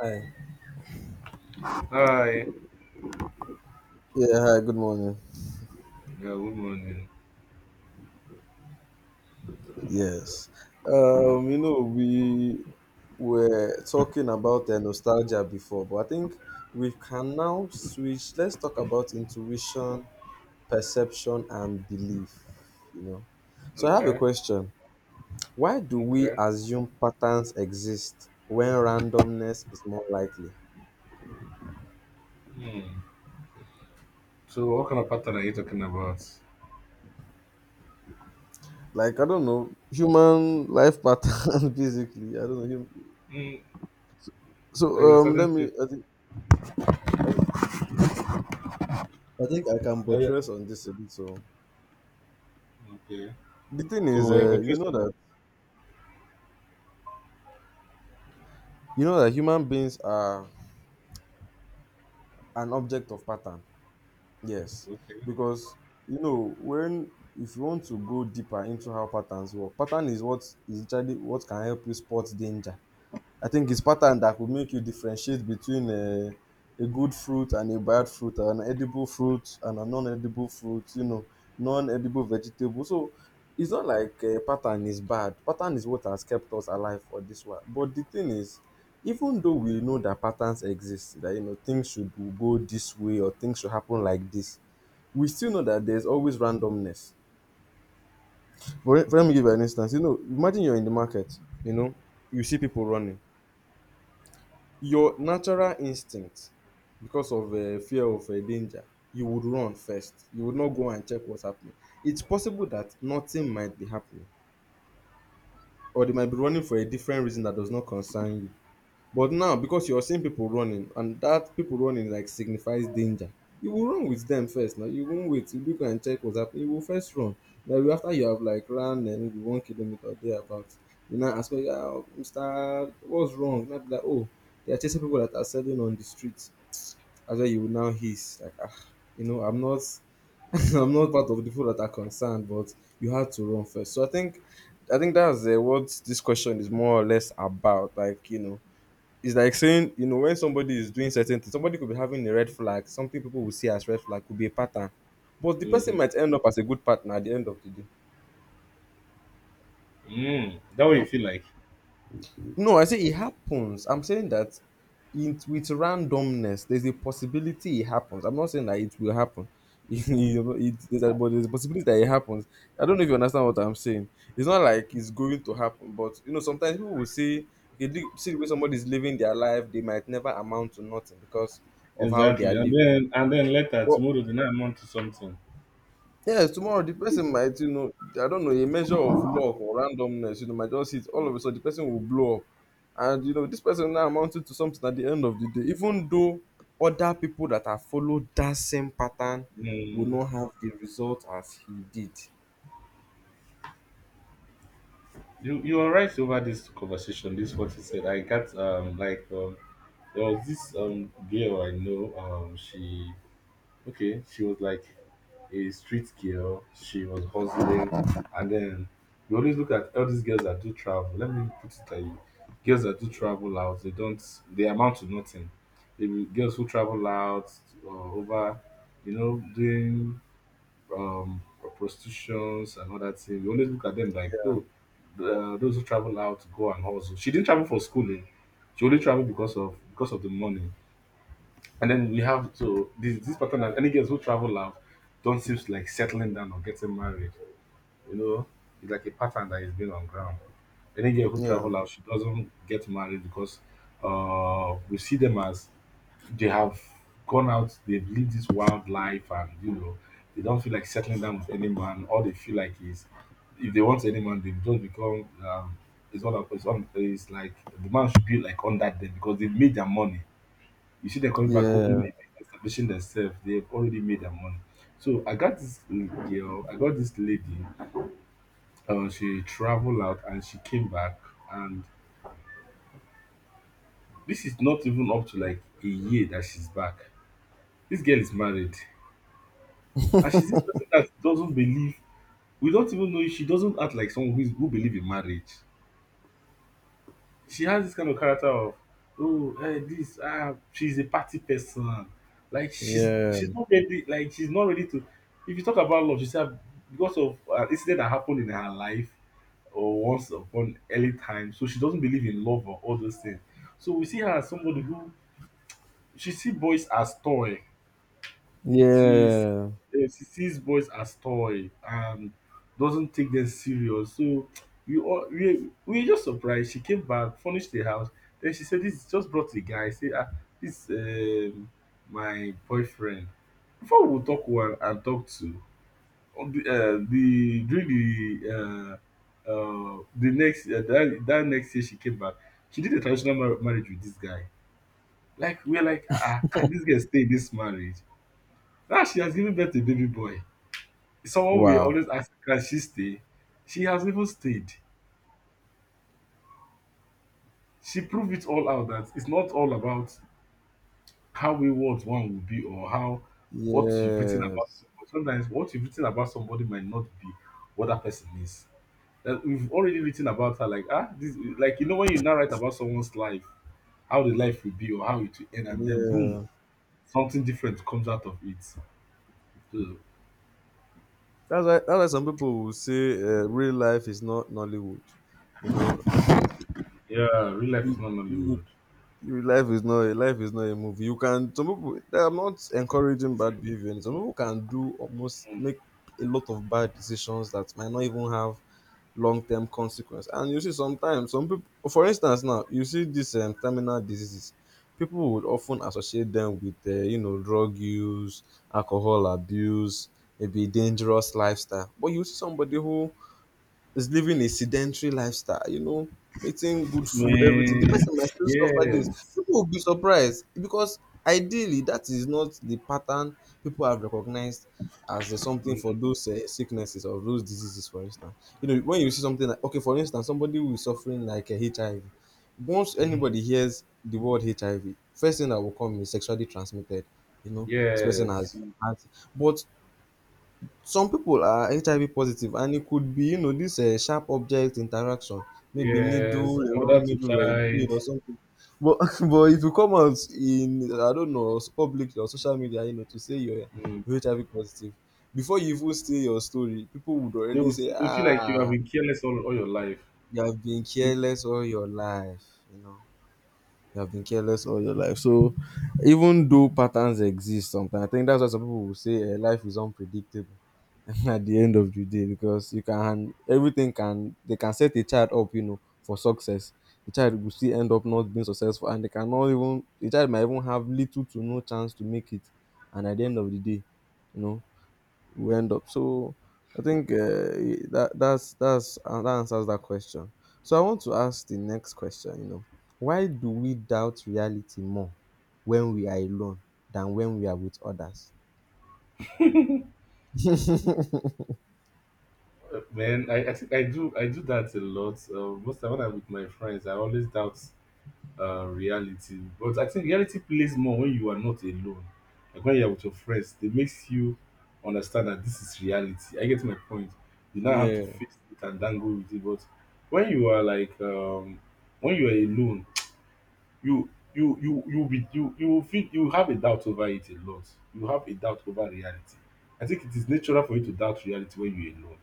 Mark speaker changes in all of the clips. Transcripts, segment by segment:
Speaker 1: Hi.
Speaker 2: Hi.
Speaker 1: Yeah, hi, good morning.
Speaker 2: Yeah, good morning.
Speaker 1: Yes. We were talking about nostalgia before, but I think we can now switch. Let's talk about intuition, perception, and belief, you know. So I have a
Speaker 2: Okay.
Speaker 1: question. Why do we
Speaker 2: Okay.
Speaker 1: assume patterns exist when randomness is more likely?
Speaker 2: Hmm. So, what kind of pattern are you talking about?
Speaker 1: Like, I don't know, human life pattern, basically. I don't know.
Speaker 2: Hmm.
Speaker 1: So
Speaker 2: Like a certain thing.
Speaker 1: I think I can
Speaker 2: like a-
Speaker 1: buttress on this a bit. So
Speaker 2: Okay.
Speaker 1: the thing
Speaker 2: So,
Speaker 1: is,
Speaker 2: we're
Speaker 1: you
Speaker 2: portrayed.
Speaker 1: know that you know that human beings are an object of pattern. Yes,
Speaker 2: Okay.
Speaker 1: because when if you want to go deeper into how patterns work, pattern is what is actually what can help you spot danger. I think it's pattern that could make you differentiate between a good fruit and a bad fruit, an edible fruit and a non-edible fruit, non-edible vegetable. So it's not like a pattern is bad. Pattern is what has kept us alive for this one. But the thing is, even though we know that patterns exist, that things should go this way or things should happen like this, we still know that there's always randomness. For let me give you an instance. You know, imagine you're in the market. You know, you see people running, your natural instinct, because of fear of danger, you would run first. You would not go and check what's happening. It's possible that nothing might be happening, or they might be running for a different reason that does not concern you. But now, because you're seeing people running, and that people running like signifies danger, you will run with them first. Now you won't wait. You look and check what's happening. You will first run. Now after you have like run and maybe 1 km or thereabouts, you now ask me, oh, yeah, Mister, what's wrong? Now be like, oh, they are chasing people that are selling on the streets. As well, you will now hiss like, ah, I'm not. I'm not part of the people that are concerned, but you had to run first. So I think that's what this question is more or less about. Like it's like saying, when somebody is doing certain things, somebody could be having a red flag. Something people will see as red flag could be a pattern, but the
Speaker 2: Mm-hmm.
Speaker 1: person might end up as a good partner at the end of the day.
Speaker 2: Mm. That way you feel like.
Speaker 1: No, I say it happens. I'm saying that with randomness, there's a possibility it happens. I'm not saying that it will happen. You it, there's a, but there's a possibility that it happens. I don't know if you understand what I'm saying. It's not like it's going to happen, but sometimes people will say, okay, see the way somebody's living their life, they might never amount to nothing because of how they are
Speaker 2: Exactly. And
Speaker 1: living.
Speaker 2: then and then later,
Speaker 1: But
Speaker 2: tomorrow, the night amount to something.
Speaker 1: yes, tomorrow the person might, I don't know, a measure of luck or randomness, might just hit all of a sudden the person will blow up. And this person now amounted to something at the end of the day, even though other people that have followed that same pattern will
Speaker 2: Mm.
Speaker 1: not have the result as he did.
Speaker 2: You are right over this conversation. This what you said. I got like there was this girl I know she Okay, she was like a street girl. She was hustling, and then we always look at all these girls that do travel. Let me put it like girls that do travel out. They don't. They amount to nothing. They be girls who travel out over, doing um, prostitutions and all that thing. We always look at them like, oh, those who travel out go and hustle. She didn't travel for schooling. She only traveled because of the money. And then we have to this pattern that any girls who travel out don't seem to like settling down or getting married. You know, it's like a pattern that is being on ground. Any girl who
Speaker 1: Yeah,
Speaker 2: travel out, she doesn't get married because we see them as they have gone out, they've lived this wild life, and they don't feel like settling down with any man. All they feel like is, if they want any man, they don't become it's like the man should be like on that day because they've made their money. You see them coming back, opening a
Speaker 1: yeah,
Speaker 2: business, establishing themselves. They've already made their money. So I got this lady. She traveled out and she came back. And this is not even up to like a year that she's back. This girl is married. And she's this person that doesn't believe, we don't even know if she doesn't act like someone who, is, who believe in marriage. She has this kind of character of oh eh, this ah she's a party person. Like
Speaker 1: yeah,
Speaker 2: she's not ready to. If you talk about love, she said because of an incident that happened in her life or once upon early time, so she doesn't believe in love or all those things. So we see her as somebody who she see boys as toy she s-
Speaker 1: yeah.
Speaker 2: she sees boys as toy and doesn't take them serious. So we all we were just surprised. She came back, furnished the house. Then she said, "This just brought a guy." I say, "Ah, this my boyfriend." Before we talk one and talk two, on the during the next that next year she came back. She did a traditional marriage with this guy. Like we're like, can this girl stay in this marriage? Now she has given birth to a baby boy. Someone we
Speaker 1: Wow.
Speaker 2: always ask, can she stay? She has even stayed. She proved it all out that it's not all about how wayward one will be, or how what you've written about
Speaker 1: Yes.
Speaker 2: somebody. Sometimes what you've written about somebody might not be what that person is. That we've already written about her, like like when you now write about someone's life, how the life will be or how it will end, and then boom,
Speaker 1: Yeah.
Speaker 2: something different comes out of it. So,
Speaker 1: That's why. That's why some people will say real life is not Nollywood. You know,
Speaker 2: yeah, real life is
Speaker 1: you,
Speaker 2: not
Speaker 1: you
Speaker 2: Nollywood.
Speaker 1: Your life is not a movie. You can Some people, I'm not encouraging bad behavior. Some people can do almost make a lot of bad decisions that might not even have long term consequence. And you see sometimes some people, for instance now, you see these terminal diseases, people would often associate them with drug use, alcohol abuse, maybe dangerous lifestyle. But you see somebody who is living a sedentary lifestyle, eating good food, everything. The
Speaker 2: Man,
Speaker 1: person might still suffer this.
Speaker 2: yes.
Speaker 1: People will be surprised because ideally that is not the pattern people have recognized as something for those sicknesses or those diseases, for instance. You know, when you see something like, okay, for instance, somebody who is suffering like a HIV, once
Speaker 2: Mhm.
Speaker 1: anybody hears the word HIV, first thing that will come is sexually transmitted. You know, this person has.
Speaker 2: Yes,
Speaker 1: has- But some people are HIV positive and it could be, this sharp object interaction, maybe needle,
Speaker 2: yes,
Speaker 1: a
Speaker 2: mother
Speaker 1: wrong
Speaker 2: to
Speaker 1: needle or a blade
Speaker 2: child.
Speaker 1: or something. But but it will come out in, I don't know, publicly or social media, to say you're,
Speaker 2: Mm.
Speaker 1: you're HIV positive. Before you even say your story, people would
Speaker 2: They
Speaker 1: already
Speaker 2: will,
Speaker 1: say,
Speaker 2: they feel like you have
Speaker 1: ah,
Speaker 2: been careless all your life.
Speaker 1: you have been
Speaker 2: You-
Speaker 1: careless all your life, you know. You have been careless all your life. So even though patterns exist sometimes, I think that's why some people will say life is unpredictable. At the end of the day, because you can everything can they can set a child up, for success. The child will still end up not being successful, and they cannot even the child might even have little to no chance to make it. And at the end of the day, you know we end up. So I think, that's that answers that question. So I want to ask the next question, why do we doubt reality more when we are alone than when we are with others?
Speaker 2: Man, I think I do that a lot. Most time when I'm with my friends, I always doubt reality. But I think reality plays more when you are not alone. Like when you are with your friends, it makes you understand that this is reality. I get my point. You now have to
Speaker 1: Yeah.
Speaker 2: face it and dangle with it. But when you are like um, when you are alone, you will feel you have a doubt over it a lot. You have a doubt over reality. I think it is natural for you to doubt reality when you're alone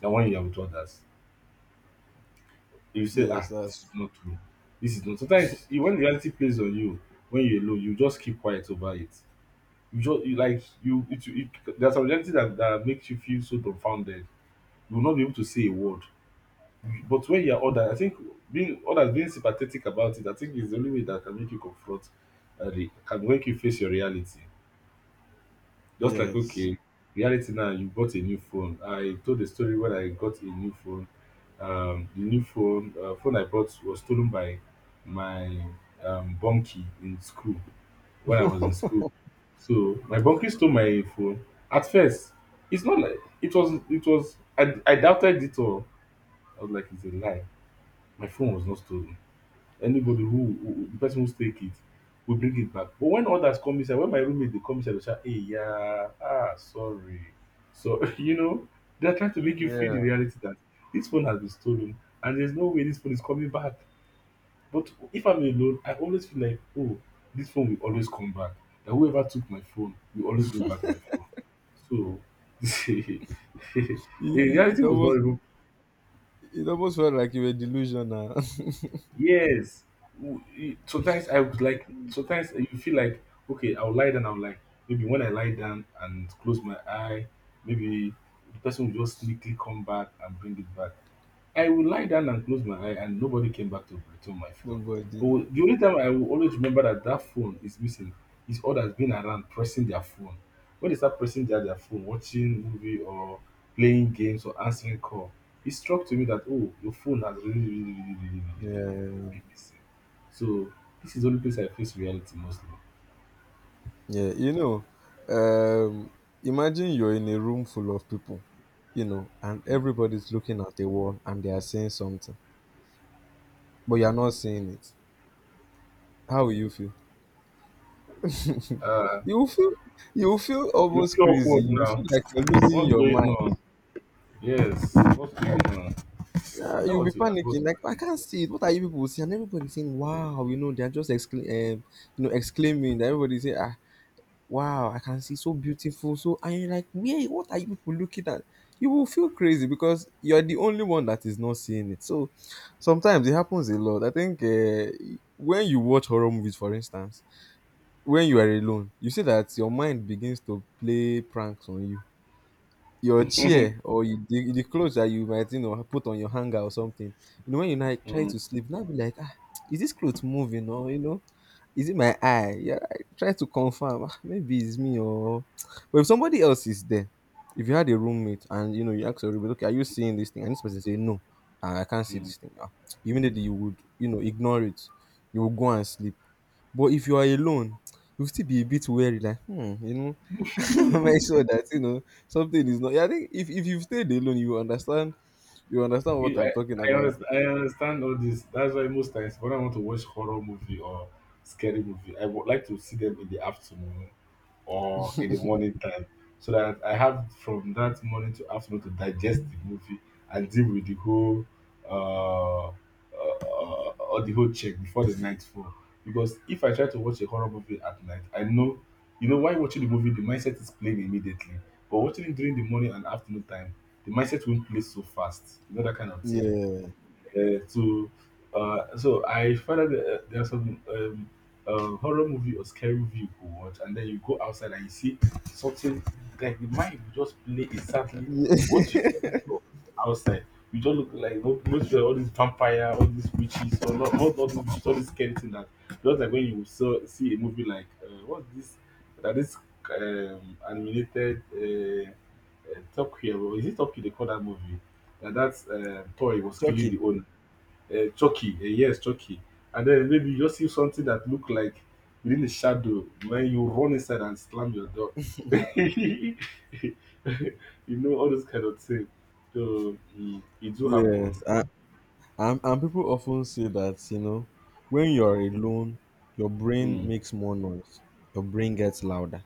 Speaker 2: than when you are with others. You say,
Speaker 1: Yes,
Speaker 2: this
Speaker 1: that's.
Speaker 2: is not true. This is not. Sometimes when reality plays on you, when you're alone, you just keep quiet over it. You just you like you. There's a reality that makes you feel so dumbfounded. You will not be able to say a word. But when you're older, I think being others being sympathetic about it, I think is the only way that can make you confront and can make you face your reality. Just like
Speaker 1: Yes.
Speaker 2: okay, reality now, you bought a new phone. I told the story when I got a new phone. The new phone phone I bought was stolen by my bunkie in school when I was in school. So my bunkie stole my phone. At first, it's not like it was. It was. I doubted it all. I was like, it's a lie. My phone was not stolen. Anybody who the person who take it will bring it back. But when others come inside, when my roommate they come inside, dey shout, "Hey, yeah, ah, sorry." So, they are trying to make you feel
Speaker 1: Yeah.
Speaker 2: the reality that this phone has been stolen, and there's no way this phone is coming back. But if I'm alone, I always feel like, oh, this phone will always come back. That whoever took my phone will always bring back my phone. So, the
Speaker 1: It,
Speaker 2: reality
Speaker 1: it
Speaker 2: was
Speaker 1: almost
Speaker 2: not even.
Speaker 1: it almost felt like you were delusional.
Speaker 2: Yes. Sometimes sometimes you feel like, okay, I'll lie down. I'm like, maybe when I lie down and close my eye, maybe the person will just sneakily come back and bring it back. I will lie down and close my eye, and nobody came back to return my phone.
Speaker 1: Nobody.
Speaker 2: But the only time I will always remember that that phone is missing is has been around pressing their phone. When they start pressing their phone, watching movie or playing games or answering call, it struck to me that, oh, your phone has really, really, really, really, really, really, really really
Speaker 1: Yeah.
Speaker 2: been missing. So this is the only place I face reality mostly.
Speaker 1: Yeah, um, imagine you're in a room full of people, and everybody's looking at the wall and they are saying something, but you're not saying it. How will you feel? You will feel you will feel
Speaker 2: You
Speaker 1: almost
Speaker 2: feel
Speaker 1: crazy.
Speaker 2: awkward
Speaker 1: You will feel
Speaker 2: now.
Speaker 1: like you're losing
Speaker 2: What's
Speaker 1: your
Speaker 2: going
Speaker 1: mind.
Speaker 2: on? Yes. What's going on?
Speaker 1: Uh,
Speaker 2: Tell
Speaker 1: you'll be
Speaker 2: what you ask. What's
Speaker 1: panicking, like, I
Speaker 2: going
Speaker 1: can't see it. What are you people saying? And everybody's saying, "Wow!" You know, they're just exclaiming. That Everybody's saying, "Ah, wow, I can see so beautiful." So and you're like, where what are you people looking at? You will feel crazy because you're the only one that is not seeing it. So sometimes it happens a lot. I think when you watch horror movies, for instance, when you are alone, you see that your mind begins to play pranks on you, your chair or the clothes that you might put on your hanger or something. When you now
Speaker 2: on?
Speaker 1: try
Speaker 2: Mm,
Speaker 1: to sleep, now be like, ah, is this clothes moving? Or is it my eye? Yeah. I try to confirm, "Ah, maybe it's me." Or but if somebody else is there, if you had a roommate and you ask your roommate, okay, are you seeing this thing? And this person say no, ah, I can't see
Speaker 2: mm.
Speaker 1: this thing, ah. Immediately you would, ignore it. You will go and sleep. But if you are alone, you'll still be a bit wary, like hmm, make sure that, something is not. Yeah, I think if you've stayed alone, you understand. You understand what
Speaker 2: You,
Speaker 1: I'm talking about.
Speaker 2: I understand all this. That's why most times when I want to watch horror movie or scary movie, I would like to see them in the afternoon or in the morning time, so that I have from that morning to afternoon to digest the movie and deal with the whole uh, or the whole check before the night fall. Because if I try to watch a horror movie at night, I know why watching the movie the mindset is playing immediately, but watching it during the morning and afternoon time, the mindset won't play so fast. You know that kind of thing.
Speaker 1: Yeah.
Speaker 2: To so I find out that there are some horror movie or scary movie you could watch, and then you go outside and you see something like the mind will just play exactly
Speaker 1: Yeah.
Speaker 2: what you just saw outside. You just look like most of all these vampire, all these witches, or not all these witches, all these scary thing that, just like when you see a movie like what's this that is animated Top Gear, or is it Top Gear they call that movie? That toy was killing
Speaker 1: Chucky.
Speaker 2: the owner. Chalky. Yes, chalky. And then maybe you just see something that look like within the shadow when you run inside and slam your door. you all those kind of things. So it do
Speaker 1: Yes,
Speaker 2: happen.
Speaker 1: and people often say that when you're alone, your brain
Speaker 2: Mm,
Speaker 1: makes more noise. Your brain gets louder.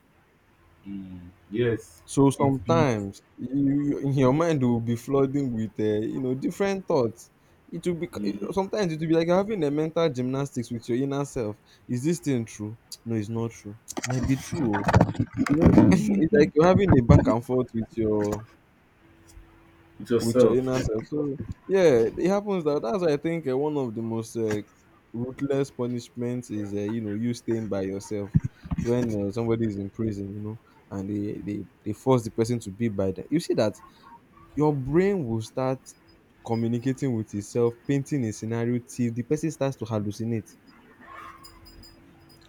Speaker 2: mm, yes,
Speaker 1: So
Speaker 2: it beats.
Speaker 1: sometimes you in your mind will be flooding with different thoughts. It will be
Speaker 2: Mm,
Speaker 1: sometimes it will be like you're having a mental gymnastics with your inner self. Is this thing true? No, it's not true. Might be true. Oh. You know, it's
Speaker 2: mm,
Speaker 1: like you're having a back and forth with your
Speaker 2: with
Speaker 1: with your inner
Speaker 2: yourself.
Speaker 1: self. So yeah, it happens. That that's why I think one of the most ruthless punishments is you staying by yourself when somebody is in prison, and they force the person to be by them. You see that your brain will start communicating with itself, painting a scenario till the person starts to hallucinate.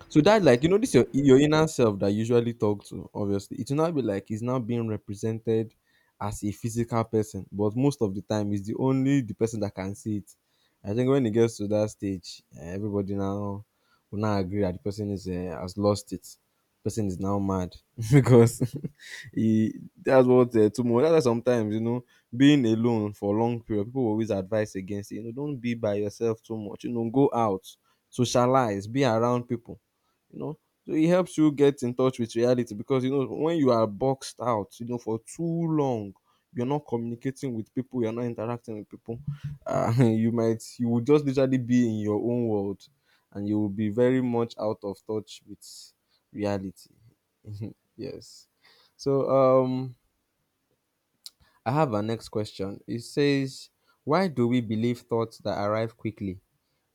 Speaker 1: So that, like, this your inner self that you usually talk to, obviously. It will now be like it's now being represented as a physical person, but most of the time it's the only the person that can see it. I think when it gets to that stage, everybody now will now agree that the person is has lost it. Person is now mad because he that's what, too much. That's why sometimes being alone for long period, people will always advise against it. You know, don't be by yourself too much. You know, go out, socialize, be around people, you know, so it helps you get in touch with reality because you know when you are boxed out, you know, for too long you're not communicating with people, you're not interacting with people. You will just literally be in your own world and you will be very much out of touch with reality. Yes. So I have our next question. It says, why do we believe thoughts that arrive quickly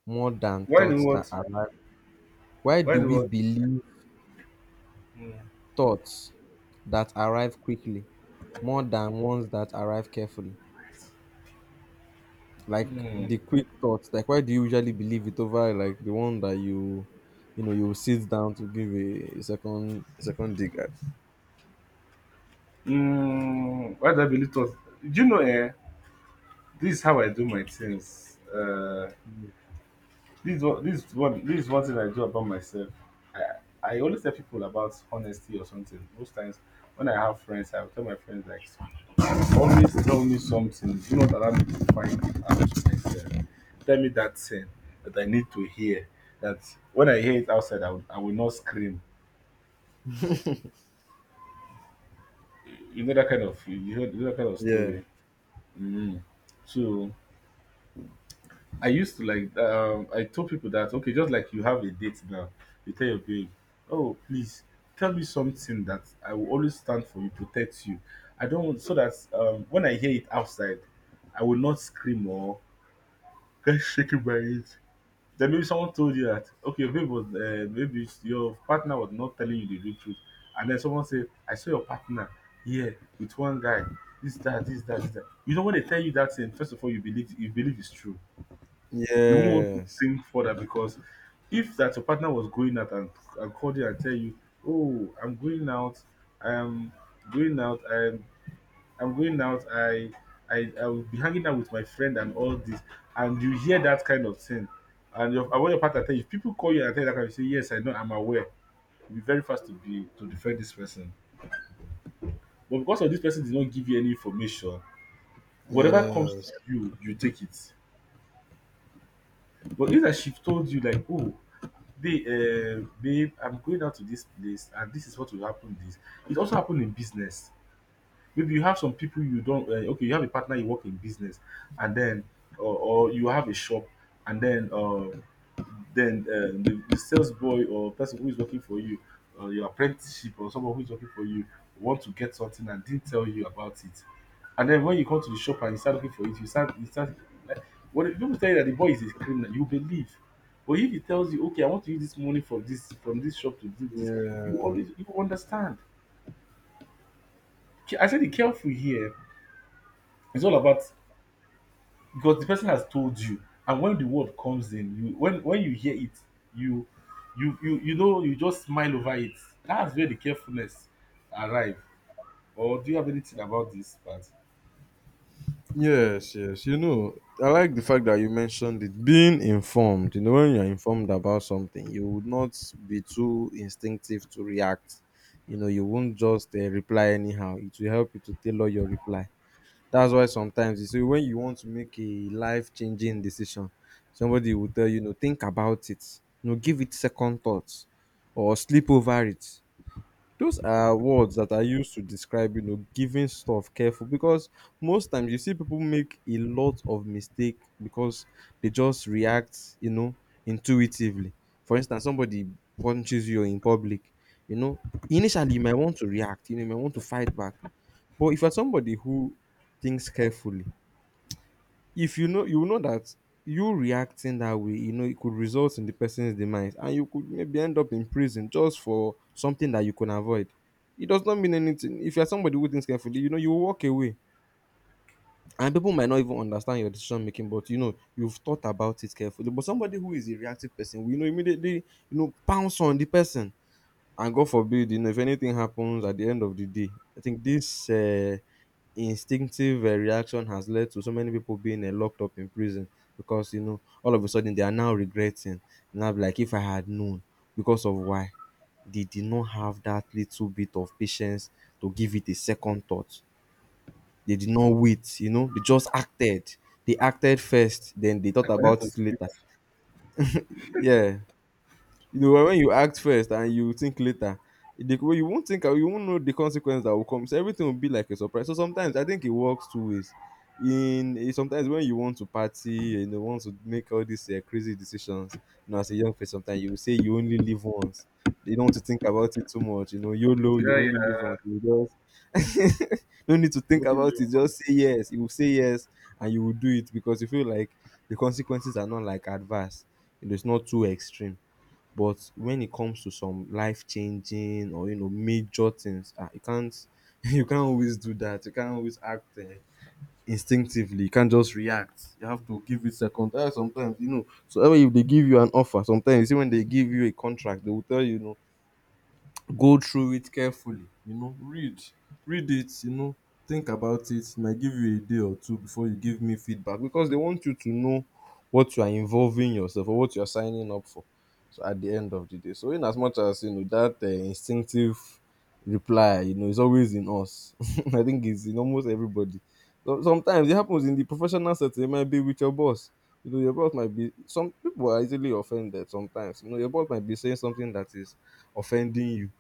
Speaker 1: more than
Speaker 2: Why do
Speaker 1: thoughts that
Speaker 2: what?
Speaker 1: arrive— why
Speaker 2: Why
Speaker 1: do
Speaker 2: do
Speaker 1: we
Speaker 2: what?
Speaker 1: believe thoughts that arrive quickly more than ones that arrive carefully. Like
Speaker 2: Mm,
Speaker 1: the quick thoughts, like why do you usually believe it over like the one that you know, you sit down to give a, second dig at?
Speaker 2: mm, why do I believe thoughts? Do you know? This is how I do my things. This is one thing I do about myself. I, I always tell people about honesty or something. Most times, when I have friends, I will tell my friends like, always tell me something. Do not allow me to find it out myself. Tell me that thing that I need to hear. That when I hear it outside, I will not scream. You know that kind of
Speaker 1: Yeah.
Speaker 2: story. Mm. So I used to like I told people that, okay, just like you have a date now, you tell your babe, "Oh, please tell me something that I will always stand for you, protect you. I don't want," so that when I hear it outside, I will not scream or get shaken by it. Then maybe someone told you that, okay, your babe was maybe your partner was not telling you the real truth, and then someone said, "I saw your partner here with one guy, this, that, this, that, this, that." You know, when they tell you that thing, first of all you believe it's true. You won't want to
Speaker 1: Yes.
Speaker 2: think further, because if that your partner was going out and called you and tell you, "Oh, I'm going out, I'm going out, I'm going out, I I will be hanging out with my friend and all this," and you hear that kind of thing, and when your partner tell you, if people call you and tell you that kind of thing, you say, "Yes, I know, I'm aware." You'll be very fast to defend this person, but because of this person did not give you any information, whatever comes to
Speaker 1: Yes.
Speaker 2: you, you take it. But if that she told you like, "Oh, babe, babe, I'm going out to this place and this is what will happen." This, it also happen in business. Maybe you have some people you don't okay, you have a partner you work in business, and then or you have a shop, and then then uh, the sales boy or person who is working for you, or your apprenticeship or someone who is working for you, want to get something and didn't tell you about it, and then when you come to the shop and you start looking for it, you start like, when people tell you that the boy is a criminal, you believe. But if he tells you, okay, I want to use this money from this shop to do this, you always, you understand. I said the careful here. It's all about, because the person has told you, and when the word comes in you, when you hear it, you, you know, you just smile over it. That's where the carefulness arrive. Or do you have anything about this part?
Speaker 1: Yes, yes. You know, I like the fact that you mentioned it being informed. You know, when you're informed about something, you would not be too instinctive to react. You know, you won't just reply anyhow. It will help you to tailor your reply. That's why sometimes you see when you want to make a life changing decision, somebody will tell you, you know, think about it, you know, give it second thoughts or sleep over it. Those are words that are used to describe, you know, giving stuff careful, because most times you see people make a lot of mistake because they just react, you know, intuitively. For instance, somebody punches you in public, you know, initially you might want to react, you know, you might want to fight back. But if you're somebody who thinks carefully, if you know, you know that you reacting that way, you know it could result in the person's demise and you could maybe end up in prison just for something that you can avoid. It does not mean anything. If you're somebody who thinks carefully, you know, you will walk away, and people might not even understand your decision making, but you know you've thought about it carefully. But somebody who is a reactive person, we know immediately, you know, pounce on the person, and god forbid, you know, if anything happens at the end of the day, I think this instinctive reaction has led to so many people being locked up in prison, because you know all of a sudden they are now regretting. Now be like, if I had known, because of why? They did not have that little bit of patience to give it a second thought. They did not wait, you know, they just acted. They acted first, then they thought
Speaker 2: I connect
Speaker 1: about
Speaker 2: to
Speaker 1: it later.
Speaker 2: script.
Speaker 1: Yeah. You know, when you act first and you think later, the way you won't think, you won't know the consequence that will come, so everything will be like a surprise. So sometimes I think it works two ways. In eh, sometimes when you want to party and you want to make all these crazy decisions, you know, as a young person sometimes you will say you only live once. You don't want to think about it too much, you know, yolo,
Speaker 2: Yeah,
Speaker 1: you only live
Speaker 2: yeah.
Speaker 1: once. You just no need to think
Speaker 2: Golden
Speaker 1: about
Speaker 2: Leon
Speaker 1: it, just say
Speaker 2: Police.
Speaker 1: yes, you will say yes, and you will do it because you feel like the consequences are not like adverse, you know, it's not too extreme. But when it comes to some life changing or, you know, major things, ah, you can't you can't always do that. You can't always act instinctively. You can't just react. You have to give it second. Sometimes you know. So I mean, if they give you an offer, sometimes you see when they give you a contract, they will tell you, you know, go through it carefully, you know, read it, you know, think about it. It might give you a day or two before you give me feedback, because they want you to know what you are involving yourself or what you are signing up for. So at the end of the day, so in as much as you know that instinctive reply, you know, is always in us. I think it's in almost everybody. So sometimes it happens in the professional setting. It might be with your boss. You know, your boss might be— some people are easily offended. Sometimes, you know, your boss might be saying something that is offending you.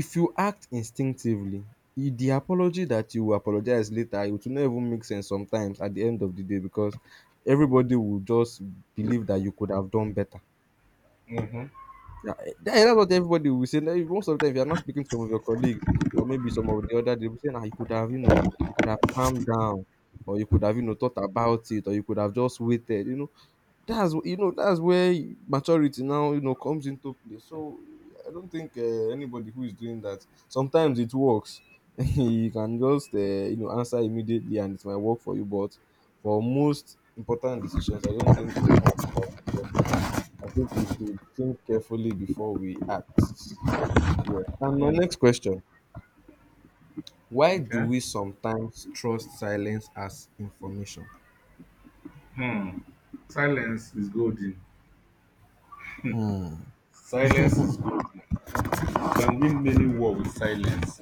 Speaker 1: If you act instinctively, e the apology that you will apologize later, it will not even make sense sometimes at the end of the day, because everybody will just believe that you could have done better. Yeah, eh, that's what everybody will say. Now, most of the time, if you're not speaking to some of your colleagues or maybe some of the other, they will say, nah, you could have, you know, you could have calmed down, or you could have, you know, thought about it, or you could have just waited, you know. You know, that's where maturity now, you know, comes into play. So I don't think anybody who is doing that— sometimes it works. You can just you know answer immediately and it might work for you, but for most important decisions I don't think it's something that should work. I think we should think carefully before we act. Yeah, and my
Speaker 2: mm
Speaker 1: next question, why do
Speaker 2: okay.
Speaker 1: we sometimes trust silence as information?
Speaker 2: Hmm. Silence is golden. Silence is golden. You can win many war with silence.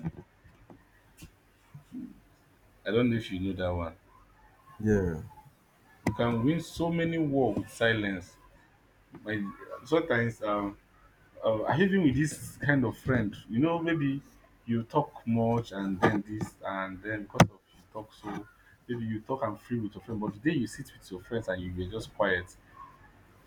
Speaker 2: I don't know if you know that one.
Speaker 1: Yeah.
Speaker 2: You can win so many war with silence, by sometimes I, even with this kind of friend, you know, maybe you talk much and then this, and then because of you talk so, maybe you talk and free with your friend, but the day you sit with your friends and you were just quiet,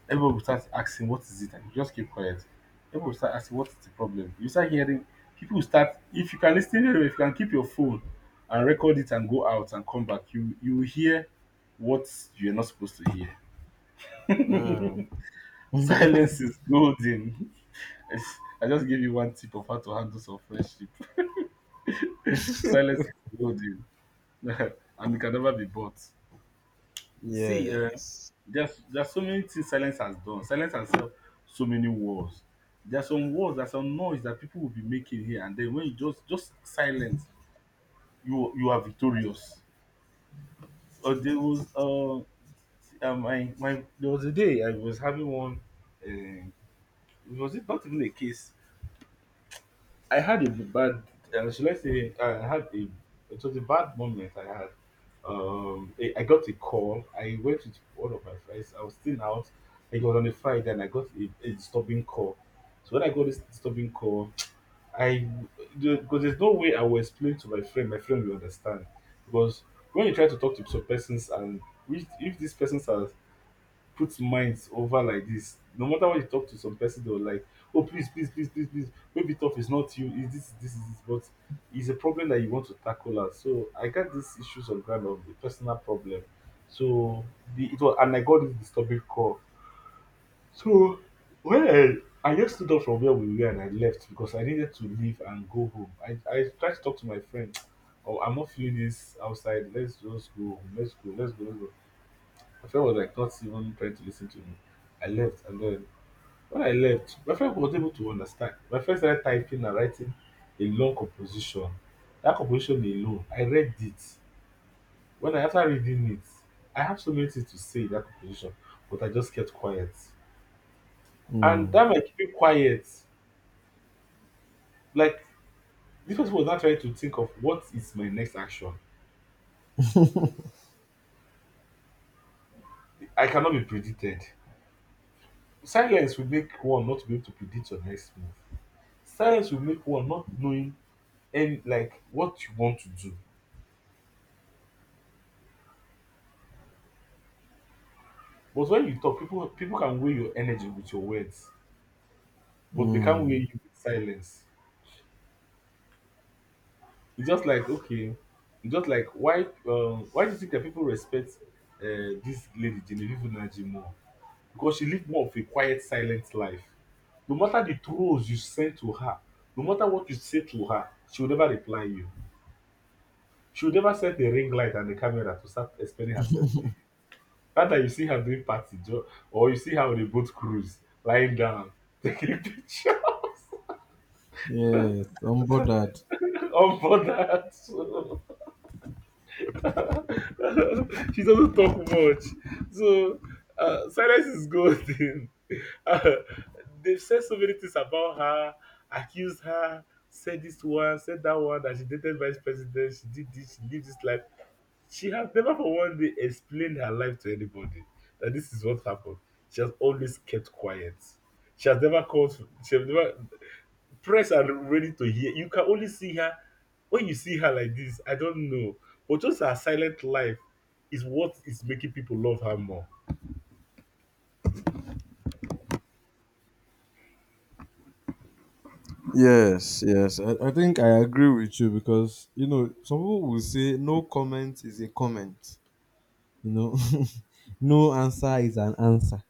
Speaker 2: everyone will start asking what is it, and you just keep quiet. Everyone will start asking what is the problem. You start hearing, people will start, if you can listen very well, if you can keep your phone and record it and go out and come back, you will hear what you are not supposed to hear. Silence is golden. I just gave you one tip of how to handle some friendship. Silence is golden, and it can never be bought. See,
Speaker 1: Yes.
Speaker 2: there's so many things silence has done. Silence has helped so many wars. There's some wars, there's some noise that people will be making here, and then when you just silence, you are victorious. Uh, there was uh, there was a day I was having one. Uh, was it not even a case? I had a bad, should I say, I had a, it was a bad moment I had. I got a call. I went with one of my friends. I was still out. It was on a Friday, and I got a disturbing call. So when I got this disturbing call, I, because there's no way I will explain to my friend. My friend will understand, because when you try to talk to some persons and which, if these persons are put minds over like this. No matter what you talk to some person, they'll like, "Oh please, please, please, please, please," maybe tough is not you, is this, this is this, but it's a problem that you want to tackle as. So I got these issues on ground of the personal problem. So the it was, and I got this disturbing call. So when I just stood up from where we were and I left, because I needed to leave and go home. I tried to talk to my friend. "Oh, I'm not feeling this outside. Let's just go home. Let's go. Let's go. Let's go." My friend was like not even trying to listen to me. I left, and then when I left, my friend was able to understand. My friend started typing and writing a long composition. That composition alone, I read it. When I, after reading it, I have so many things to say in that composition, but I just kept quiet. And
Speaker 1: Mm.
Speaker 2: that my keeping quiet, like, this person was not trying to think of what is my next action. I cannot be predicted. Silence will make one not be able to predict your next move. Silence will make one not knowing and like what you want to do. But when you talk, people can weigh your energy with your words, but they can't weigh you with silence. It's just like, okay, it's just like, why do you think that people respect this lady Genevieve Unaji more? Because she lived more of a quiet, silent life. No matter the trolls you send to her, no matter what you say to her, she will never reply you. She will never send the ring light and the camera to start explaining herself to you. Rather, you see her doing party or you see her on a boat cruise, lying down, taking picture.
Speaker 1: Yes. All that.
Speaker 2: On board that. So she doesn't talk much. So silence is golden. Uh, they've said so many things about her, accused her, said this one, said that one, that she dated vice president, she did this, she lived this life. She has never for one day explained her life to anybody that this is what happened. She has always kept quiet. She has never called, she has never, press are ready to hear. You can only see her, when you see her like this, I don't know. But just her silent life is what is making people love her more.
Speaker 1: Yes, yes. I think I agree with you because, you know, some people will say no comment is a comment. You know, no answer is an answer.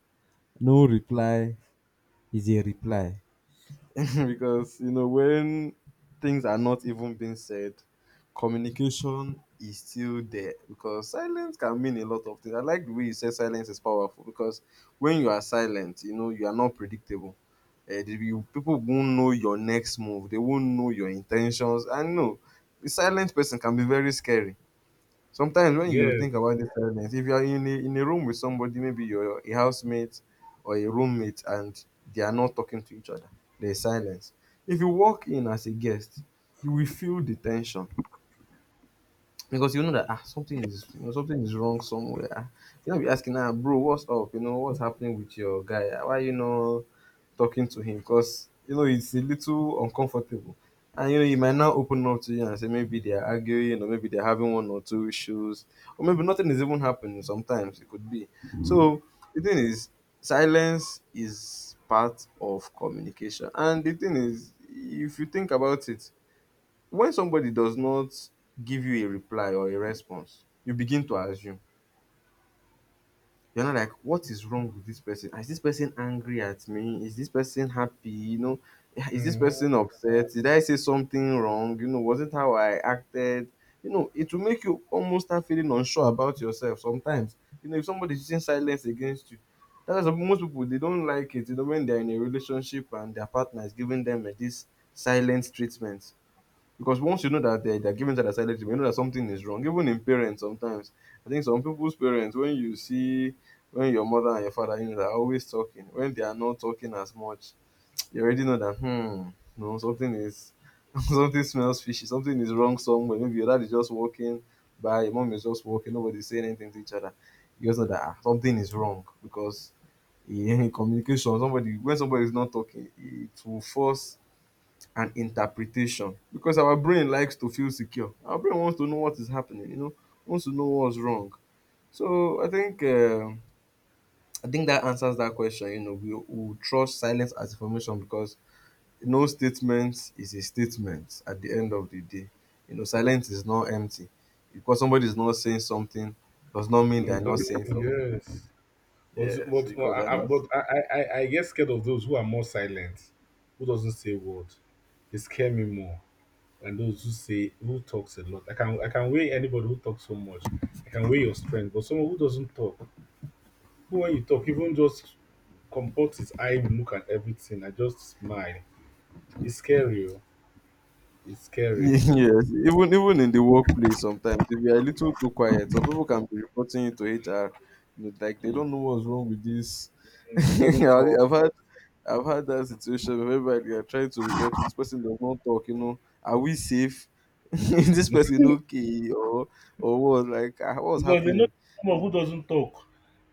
Speaker 1: No reply is a reply. Because you know when things are not even being said, communication is still there, because silence can mean a lot of things. I like the way you said silence is powerful, because when you are silent, you know you are not predictable. You, people won't know your next move. They won't know your intentions. I know a silent person can be very scary. Sometimes when you
Speaker 2: Yes.
Speaker 1: think about this silence, if you are in a room with somebody, maybe you're a housemate or a roommate, and they are not talking to each other, there is silence. If you walk in as a guest, you will feel the tension, because you know that ah, something is— you know something is wrong somewhere. You know, be asking, ah, bro, what's up? You know, what's happening with your guy? Ah, why you know talking to him? Because you know it's a little uncomfortable, and you know he might now open up to you and say maybe they're arguing or maybe they're having one or two issues, or maybe nothing is even happening. Sometimes it could be. So the thing is, silence is part of communication, and the thing is, if you think about it, when somebody does not give you a reply or a response, you begin to assume. You're not like, what is wrong with this person? Is this person angry at me? Is this person happy? You know, is this
Speaker 2: Mhm.
Speaker 1: person upset? Did I say something wrong? You know, was it how I acted? You know, it will make you almost start feeling unsure about yourself sometimes. You know, if somebody's using silence against you, that's why most people they don't like it. You know, when they're in a relationship and their partner is giving them eh, this silent treatment, because once you know that they're giving that aside, you know that something is wrong. Even in parents, sometimes I think some people's parents, when you see when your mother and your father, you know, they're always talking. When they are not talking as much, you already know that hmm, no, something is something smells fishy. Something is wrong somewhere. Maybe your dad is just walking by, your mom is just walking. Nobody's saying anything to each other. You just know that ah, something is wrong, because in communication, somebody— when somebody is not talking, it will force and interpretation, because our brain likes to feel secure. Our brain wants to know what is happening, you know, wants to know what's wrong. So I think that answers that question. You know, we trust silence as information because no statement is a statement at the end of the day. You know, silence is not empty. Because somebody is not saying something does not mean they're not saying something.
Speaker 2: Yes. But,
Speaker 1: Yes,
Speaker 2: but, but,
Speaker 1: because
Speaker 2: I,
Speaker 1: they're
Speaker 2: I-
Speaker 1: not.
Speaker 2: but I get scared of those who are more silent, who doesn't say a word. They scare me more, and those who say, who talks a lot. I can weigh anybody who talks so much. I can weigh your strength, but someone who doesn't talk, who when you talk, even just comport his eye, will look at everything, I just smile. It's scary. Oh. It's scary.
Speaker 1: Yes, even even in the workplace sometimes, if you are a little too quiet, some people can be reporting you to HR. You know, like they don't know what's wrong with this.
Speaker 2: Mm, he doesn't talk.
Speaker 1: I've had— I've had that situation where everybody they are trying to report you. This person does not talk. You know, are we safe? Is this person okay or what? Like ah, what's
Speaker 2: Because they know,
Speaker 1: happening?
Speaker 2: someone who doesn't talk,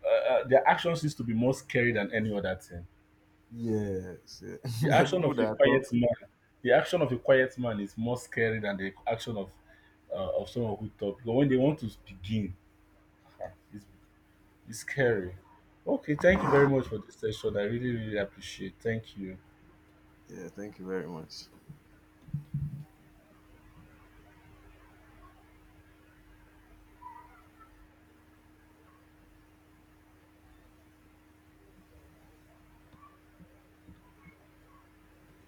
Speaker 2: Their action seems to be more scary than any other thing.
Speaker 1: Yes, yeah.
Speaker 2: The
Speaker 1: There are
Speaker 2: action
Speaker 1: people
Speaker 2: of a
Speaker 1: that
Speaker 2: quiet
Speaker 1: talk.
Speaker 2: man, the action of a quiet man is more scary than the action of someone who talks. Because when they want to begin, it's it's scary. Okay, thank you
Speaker 1: Yeah,
Speaker 2: very much for this session. I really, really appreciate. Thank you.
Speaker 1: yeah. Thank you very much.